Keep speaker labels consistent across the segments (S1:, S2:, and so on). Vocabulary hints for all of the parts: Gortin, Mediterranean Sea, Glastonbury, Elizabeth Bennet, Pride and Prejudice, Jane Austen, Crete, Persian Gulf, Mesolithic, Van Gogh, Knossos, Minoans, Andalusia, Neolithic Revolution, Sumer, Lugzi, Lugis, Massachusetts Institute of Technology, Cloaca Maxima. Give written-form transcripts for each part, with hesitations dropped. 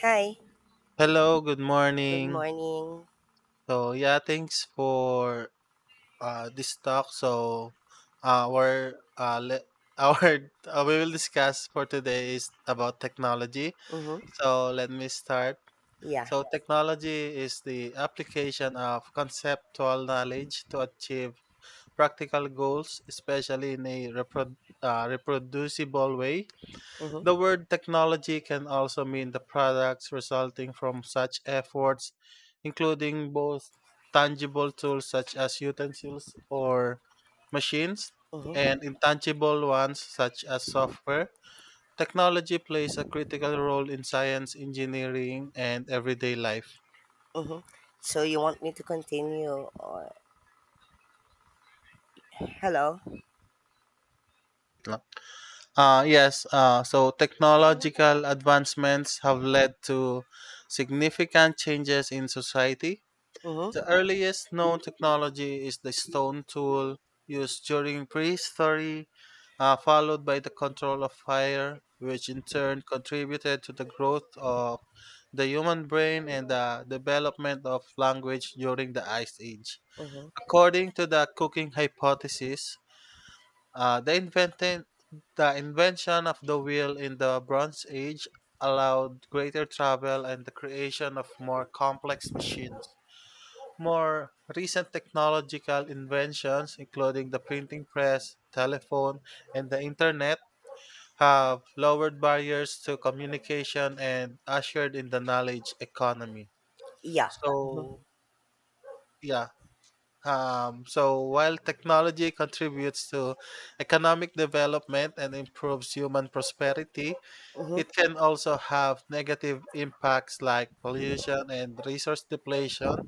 S1: Hi,
S2: Hello, good
S1: good
S2: morning.
S1: morning.
S2: So yeah, thanks for this talk. So uh, our uh, le- our we will discuss for today is about technology.
S1: Mm-hmm.
S2: So let me start.
S1: Yeah.
S2: So technology is the application of conceptual knowledge to achieve practical goals, especially in a reproducible way.
S1: Mm-hmm.
S2: The word technology can also mean the products resulting from such efforts, including both tangible tools such as utensils or machines,
S1: Mm-hmm.
S2: and intangible ones such as software. Technology plays a critical role in science, engineering, and everyday life.
S1: Mm-hmm. So you want me to continue or hello?
S2: Yes, so technological advancements have led to significant changes in society. The
S1: Mm-hmm.
S2: earliest known technology is the stone tool used during prehistory, followed by the control of fire, which in turn contributed to the growth of the human brain and the development of language during the Ice Age.
S1: Mm-hmm.
S2: According to the cooking hypothesis, uh, the, invented, the invention of the wheel in the Bronze Age allowed greater travel and the creation of more complex machines. More recent technological inventions, including the printing press, telephone, and the internet, have lowered barriers to communication and ushered in the knowledge economy.
S1: Yeah. Mm-hmm.
S2: So, yeah. So while technology contributes to economic development and improves human prosperity,
S1: Mm-hmm.
S2: it can also have negative impacts like pollution and resource depletion,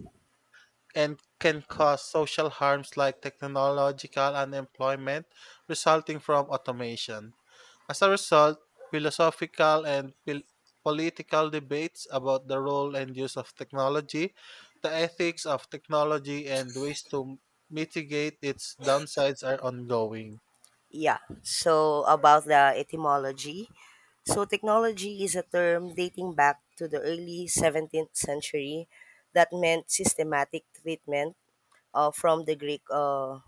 S2: and can cause social harms like technological unemployment resulting from automation. As a result, philosophical and political debates about the role and use of technology, the ethics of technology, and ways to mitigate its downsides are ongoing.
S1: Yeah. So about the etymology. So technology is a term dating back to the early 17th century that meant systematic treatment from the Greek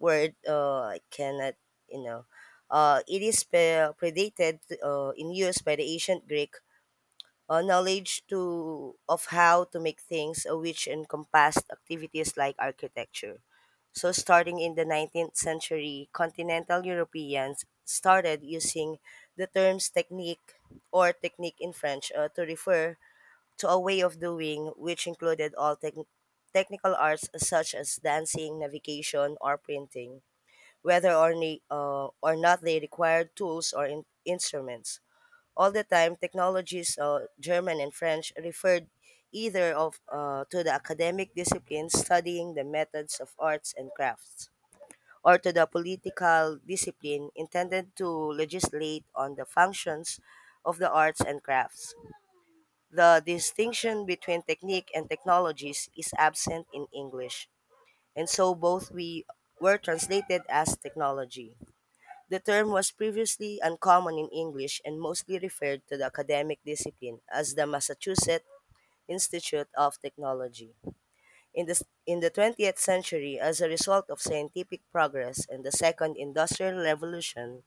S1: word I cannot, you know. It is predated in use by the ancient Greek knowledge to of how to make things, which encompassed activities like architecture. So, starting in the 19th century, continental Europeans started using the terms technique or technique in French to refer to a way of doing which included all technical arts such as dancing, navigation, or printing whether or not they required tools or instruments. All the time, technologies, German and French, referred either of to the academic discipline studying the methods of arts and crafts, or to the political discipline intended to legislate on the functions of the arts and crafts. The distinction between technique and technologies is absent in English, and so both we were translated as technology. The term was previously uncommon in English and mostly referred to the academic discipline as the Massachusetts Institute of Technology. In the, in the 20th century, as a result of scientific progress and the Second Industrial Revolution,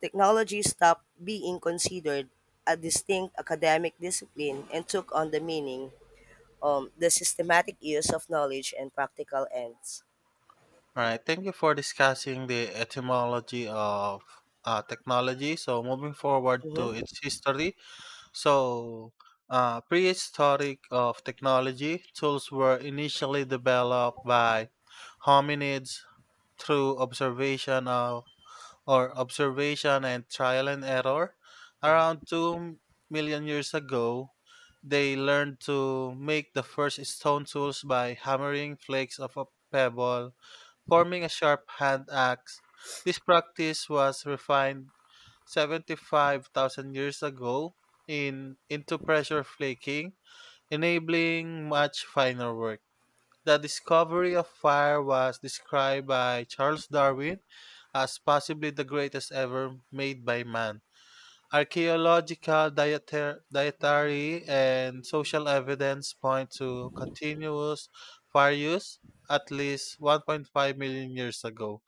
S1: technology stopped being considered a distinct academic discipline and took on the meaning the systematic use of knowledge and practical ends.
S2: All right, thank you for discussing the etymology of technology. So, moving forward to
S1: Mhm,
S2: its history. So, prehistoric of technology, tools were initially developed by hominids through observation of, or observation and trial and error. Around 2 million years ago, they learned to make the first stone tools by hammering flakes of a pebble, forming a sharp hand axe. This practice was refined 75,000 years ago in into pressure flaking, enabling much finer work. The discovery of fire was described by Charles Darwin as possibly the greatest ever made by man. Archaeological, dietary, and social evidence point to continuous fire use at least 1.5 million years ago.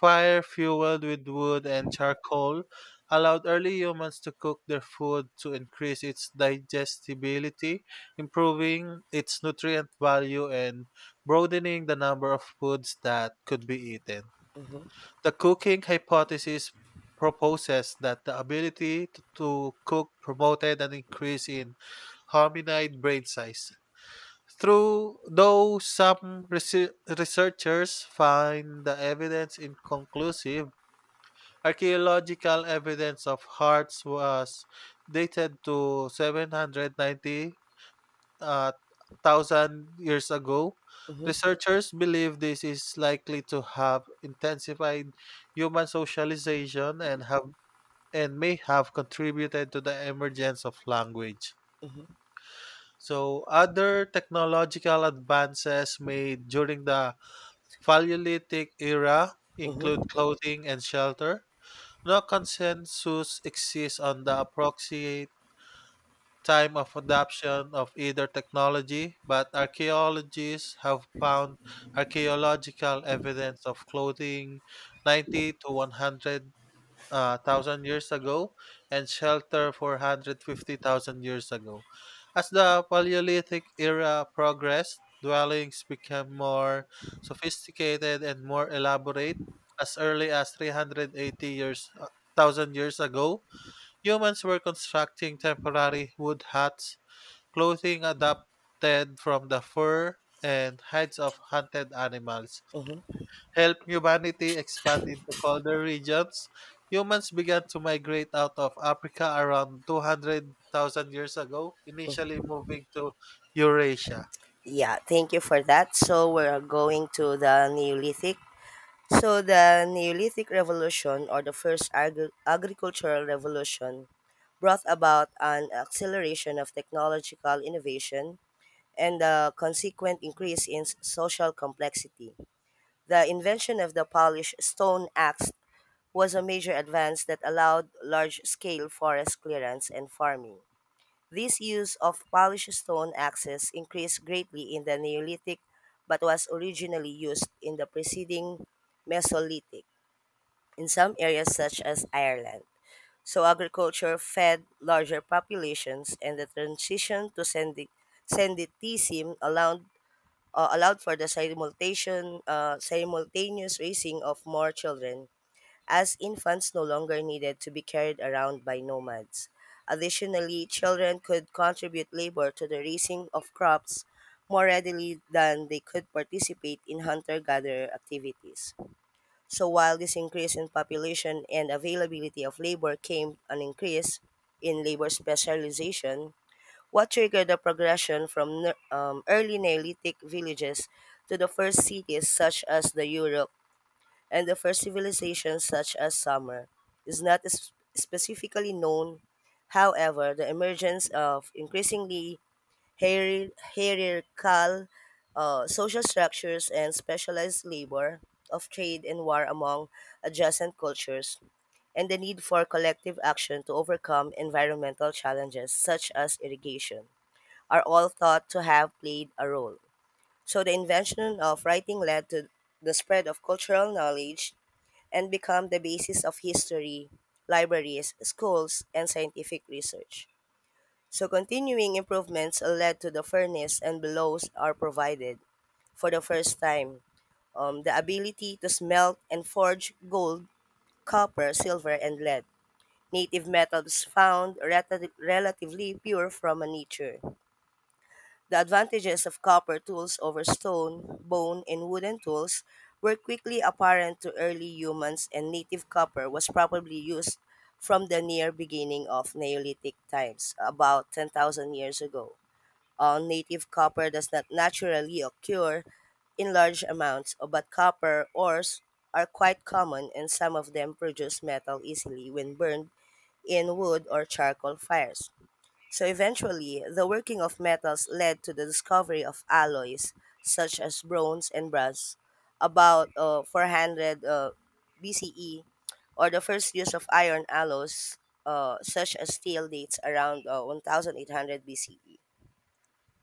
S2: Fire fueled with wood and charcoal allowed early humans to cook their food to increase its digestibility, improving its nutrient value and broadening the number of foods that could be eaten.
S1: mhm,
S2: The cooking hypothesis proposes that the ability to cook promoted an increase in hominid brain size. Through though some researchers find the evidence inconclusive, archaeological evidence of hearts was dated to 790 uh, thousand years ago.
S1: mhm,
S2: Researchers believe this is likely to have intensified human socialization, and may have contributed to the emergence of language.
S1: mhm,
S2: So, other technological advances made during the Paleolithic era include
S1: mhm.
S2: clothing and shelter. No consensus exists on the approximate time of adoption of either technology, but archaeologists have found archaeological evidence of clothing 90 to 100 thousand years ago, and shelter 450,000 years ago. As the Paleolithic era progressed, dwellings became more sophisticated and more elaborate. As early as three hundred eighty years thousand years ago, humans were constructing temporary wood huts, clothing adapted from the fur and hides of hunted animals. Help humanity expand into colder regions, humans began to migrate out of Africa around 200,000 years ago, initially moving to Eurasia.
S1: Yeah, thank you for that. So we're going to the Neolithic. So the Neolithic Revolution, or the first agricultural revolution, brought about an acceleration of technological innovation and the consequent increase in social complexity. The invention of the Polish stone axe was a major advance that allowed large scale forest clearance and farming. This use of polished stone axes increased greatly in the Neolithic but was originally used in the preceding Mesolithic in some areas such as Ireland. So agriculture fed larger populations and the transition to sedentism allowed allowed for the simultaneous raising of more children as infants no longer needed to be carried around by nomads. Additionally, children could contribute labor to the raising of crops more readily than they could participate in hunter gatherer activities. So, while this increase in population and availability of labor came an increase in labor specialization, what triggered the progression from early Neolithic villages to the first cities such as the Europe and the first civilizations such as Sumer is not specifically known. However, the emergence of increasingly hierarchical social structures and specialized labor of trade and war among adjacent cultures and the need for collective action to overcome environmental challenges such as irrigation are all thought to have played a role. So the invention of writing led to the spread of cultural knowledge and become the basis of history, libraries, schools, and scientific research. So continuing improvements led to the furnace and bellows are provided for the first time. The ability to smelt and forge gold, copper, silver, and lead. Native metals found relatively pure from nature. The advantages of copper tools over stone, bone, and wooden tools were quickly apparent to early humans, and native copper was probably used from the near beginning of Neolithic times, about 10,000 years ago. Native copper does not naturally occur in large amounts, but copper ores are quite common, and some of them produce metal easily when burned in wood or charcoal fires. So eventually, the working of metals led to the discovery of alloys such as bronze and brass about 400 BCE, or the first use of iron alloys such as steel dates around 1800 BCE.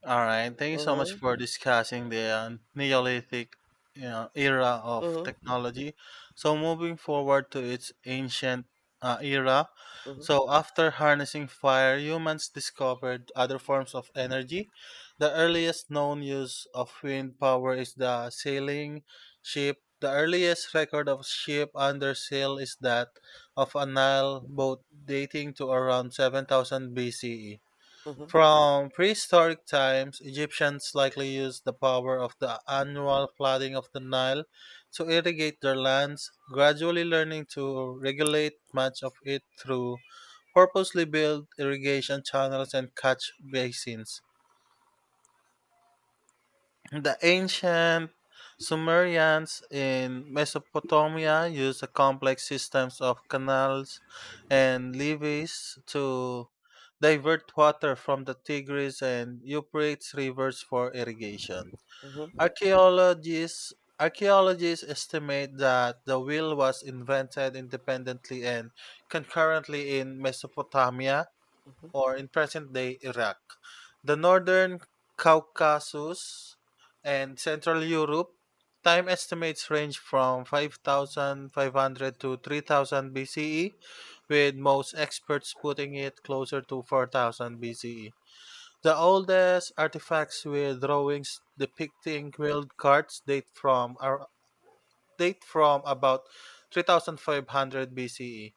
S2: All right. Thank you so much for
S1: Mm-hmm.
S2: discussing the Neolithic era of
S1: Mm-hmm.
S2: technology. So, moving forward to its ancient era.
S1: Mm-hmm.
S2: So, after harnessing fire, humans discovered other forms of energy. The earliest known use of wind power is the sailing ship. The earliest record of ship under sail is that of a Nile boat dating to around 7000 BCE.
S1: Mm-hmm.
S2: From prehistoric times, Egyptians likely used the power of the annual flooding of the Nile to irrigate their lands, gradually learning to regulate much of it through purposely built irrigation channels and catch basins. The ancient Sumerians in Mesopotamia used the complex systems of canals and levees to divert water from the Tigris and Euphrates rivers for irrigation.
S1: Mm-hmm.
S2: Archaeologists Archaeologists estimate that the wheel was invented independently and concurrently in Mesopotamia,
S1: Mm-hmm.
S2: or in present day Iraq. The northern Caucasus and Central Europe time estimates range from 5500 to 3000 BCE, with most experts putting it closer to 4000 BCE. The oldest artifacts with drawings depicting wheeled carts date from about 3500 BCE.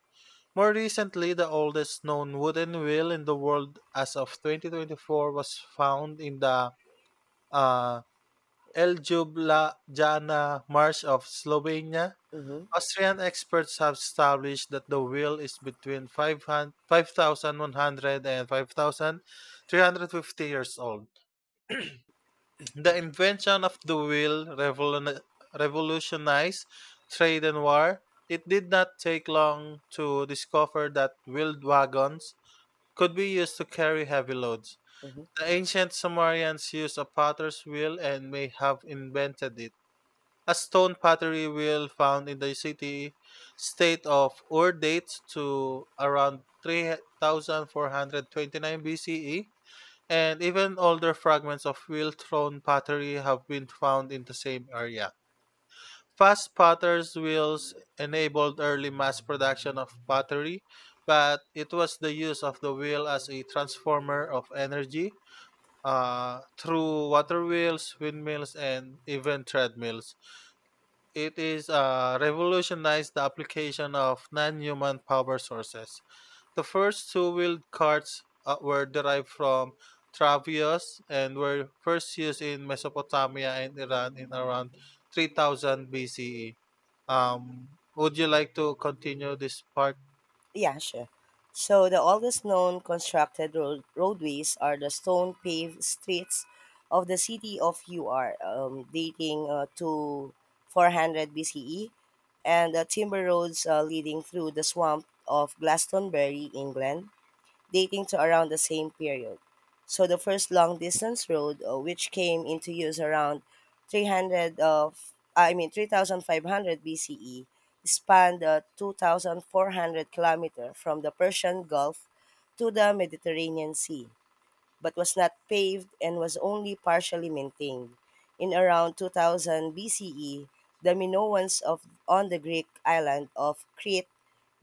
S2: More recently, the oldest known wooden wheel in the world as of 2024 was found in the uh, Ljubljana Marsh of Slovenia.
S1: Mm-hmm.
S2: Austrian experts have established that the wheel is between 500 5,100 and 5,350 years old. The invention of the wheel revolutionized trade and war. It did not take long to discover that wheeled wagons could be used to carry heavy loads. The ancient Sumerians used a potter's wheel and may have invented it. A stone pottery wheel found in the city state of Ur dates to around 3429 BCE, and even older fragments of wheel thrown pottery have been found in the same area. Fast potter's wheels enabled early mass production of pottery, but it was the use of the wheel as a transformer of energy through water wheels, windmills, and even treadmills. It is revolutionized the application of non human power sources. The first two-wheeled carts were derived from Travias and were first used in Mesopotamia and Iran in around 3000 BCE. Would you like to continue this part?
S1: Yeah, sure. So the oldest known constructed roadways are the stone paved streets of the city of UR, dating to 400 BCE, and the timber roads leading through the swamp of Glastonbury, England, dating to around the same period. So the first long distance road, which came into use around 300 of I mean 3500 BCE, spanned the 2400 kilometer from the Persian Gulf to the Mediterranean Sea, but was not paved and was only partially maintained. In around 2000 BCE, the Minoans of on the Greek island of Crete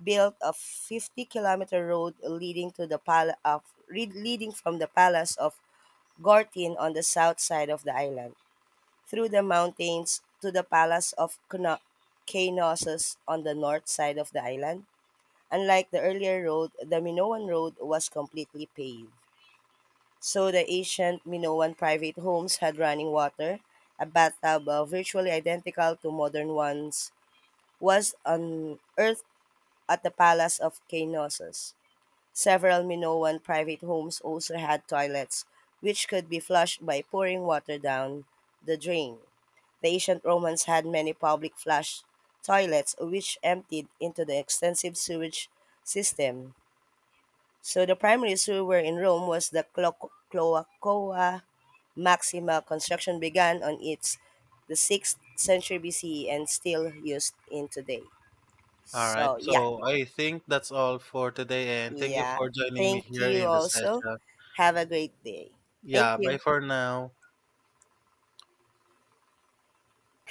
S1: built a 50-kilometer road leading to the leading from the palace of Gortin on the south side of the island through the mountains to the palace of Knossos on the north side of the island. Unlike the earlier road, the Minoan road was completely paved. So the ancient Minoan private homes had running water. A bathtub virtually identical to modern ones was unearthed at the palace of Knossos. Several Minoan private homes also had toilets, which could be flushed by pouring water down the drain. The ancient Romans had many public flush toilets, which emptied into the extensive sewage system. So the primary sewer in Rome was the Cloacoa Maxima. Construction began on its the 6th century BCE and still used in today.
S2: All right.
S1: So yeah,
S2: So I think that's all for today, and thank you
S1: Yeah.
S2: for joining me
S1: Thank
S2: here
S1: you
S2: in the
S1: also.
S2: session.
S1: Have a great day. Thank
S2: Yeah. Bye
S1: you.
S2: for now.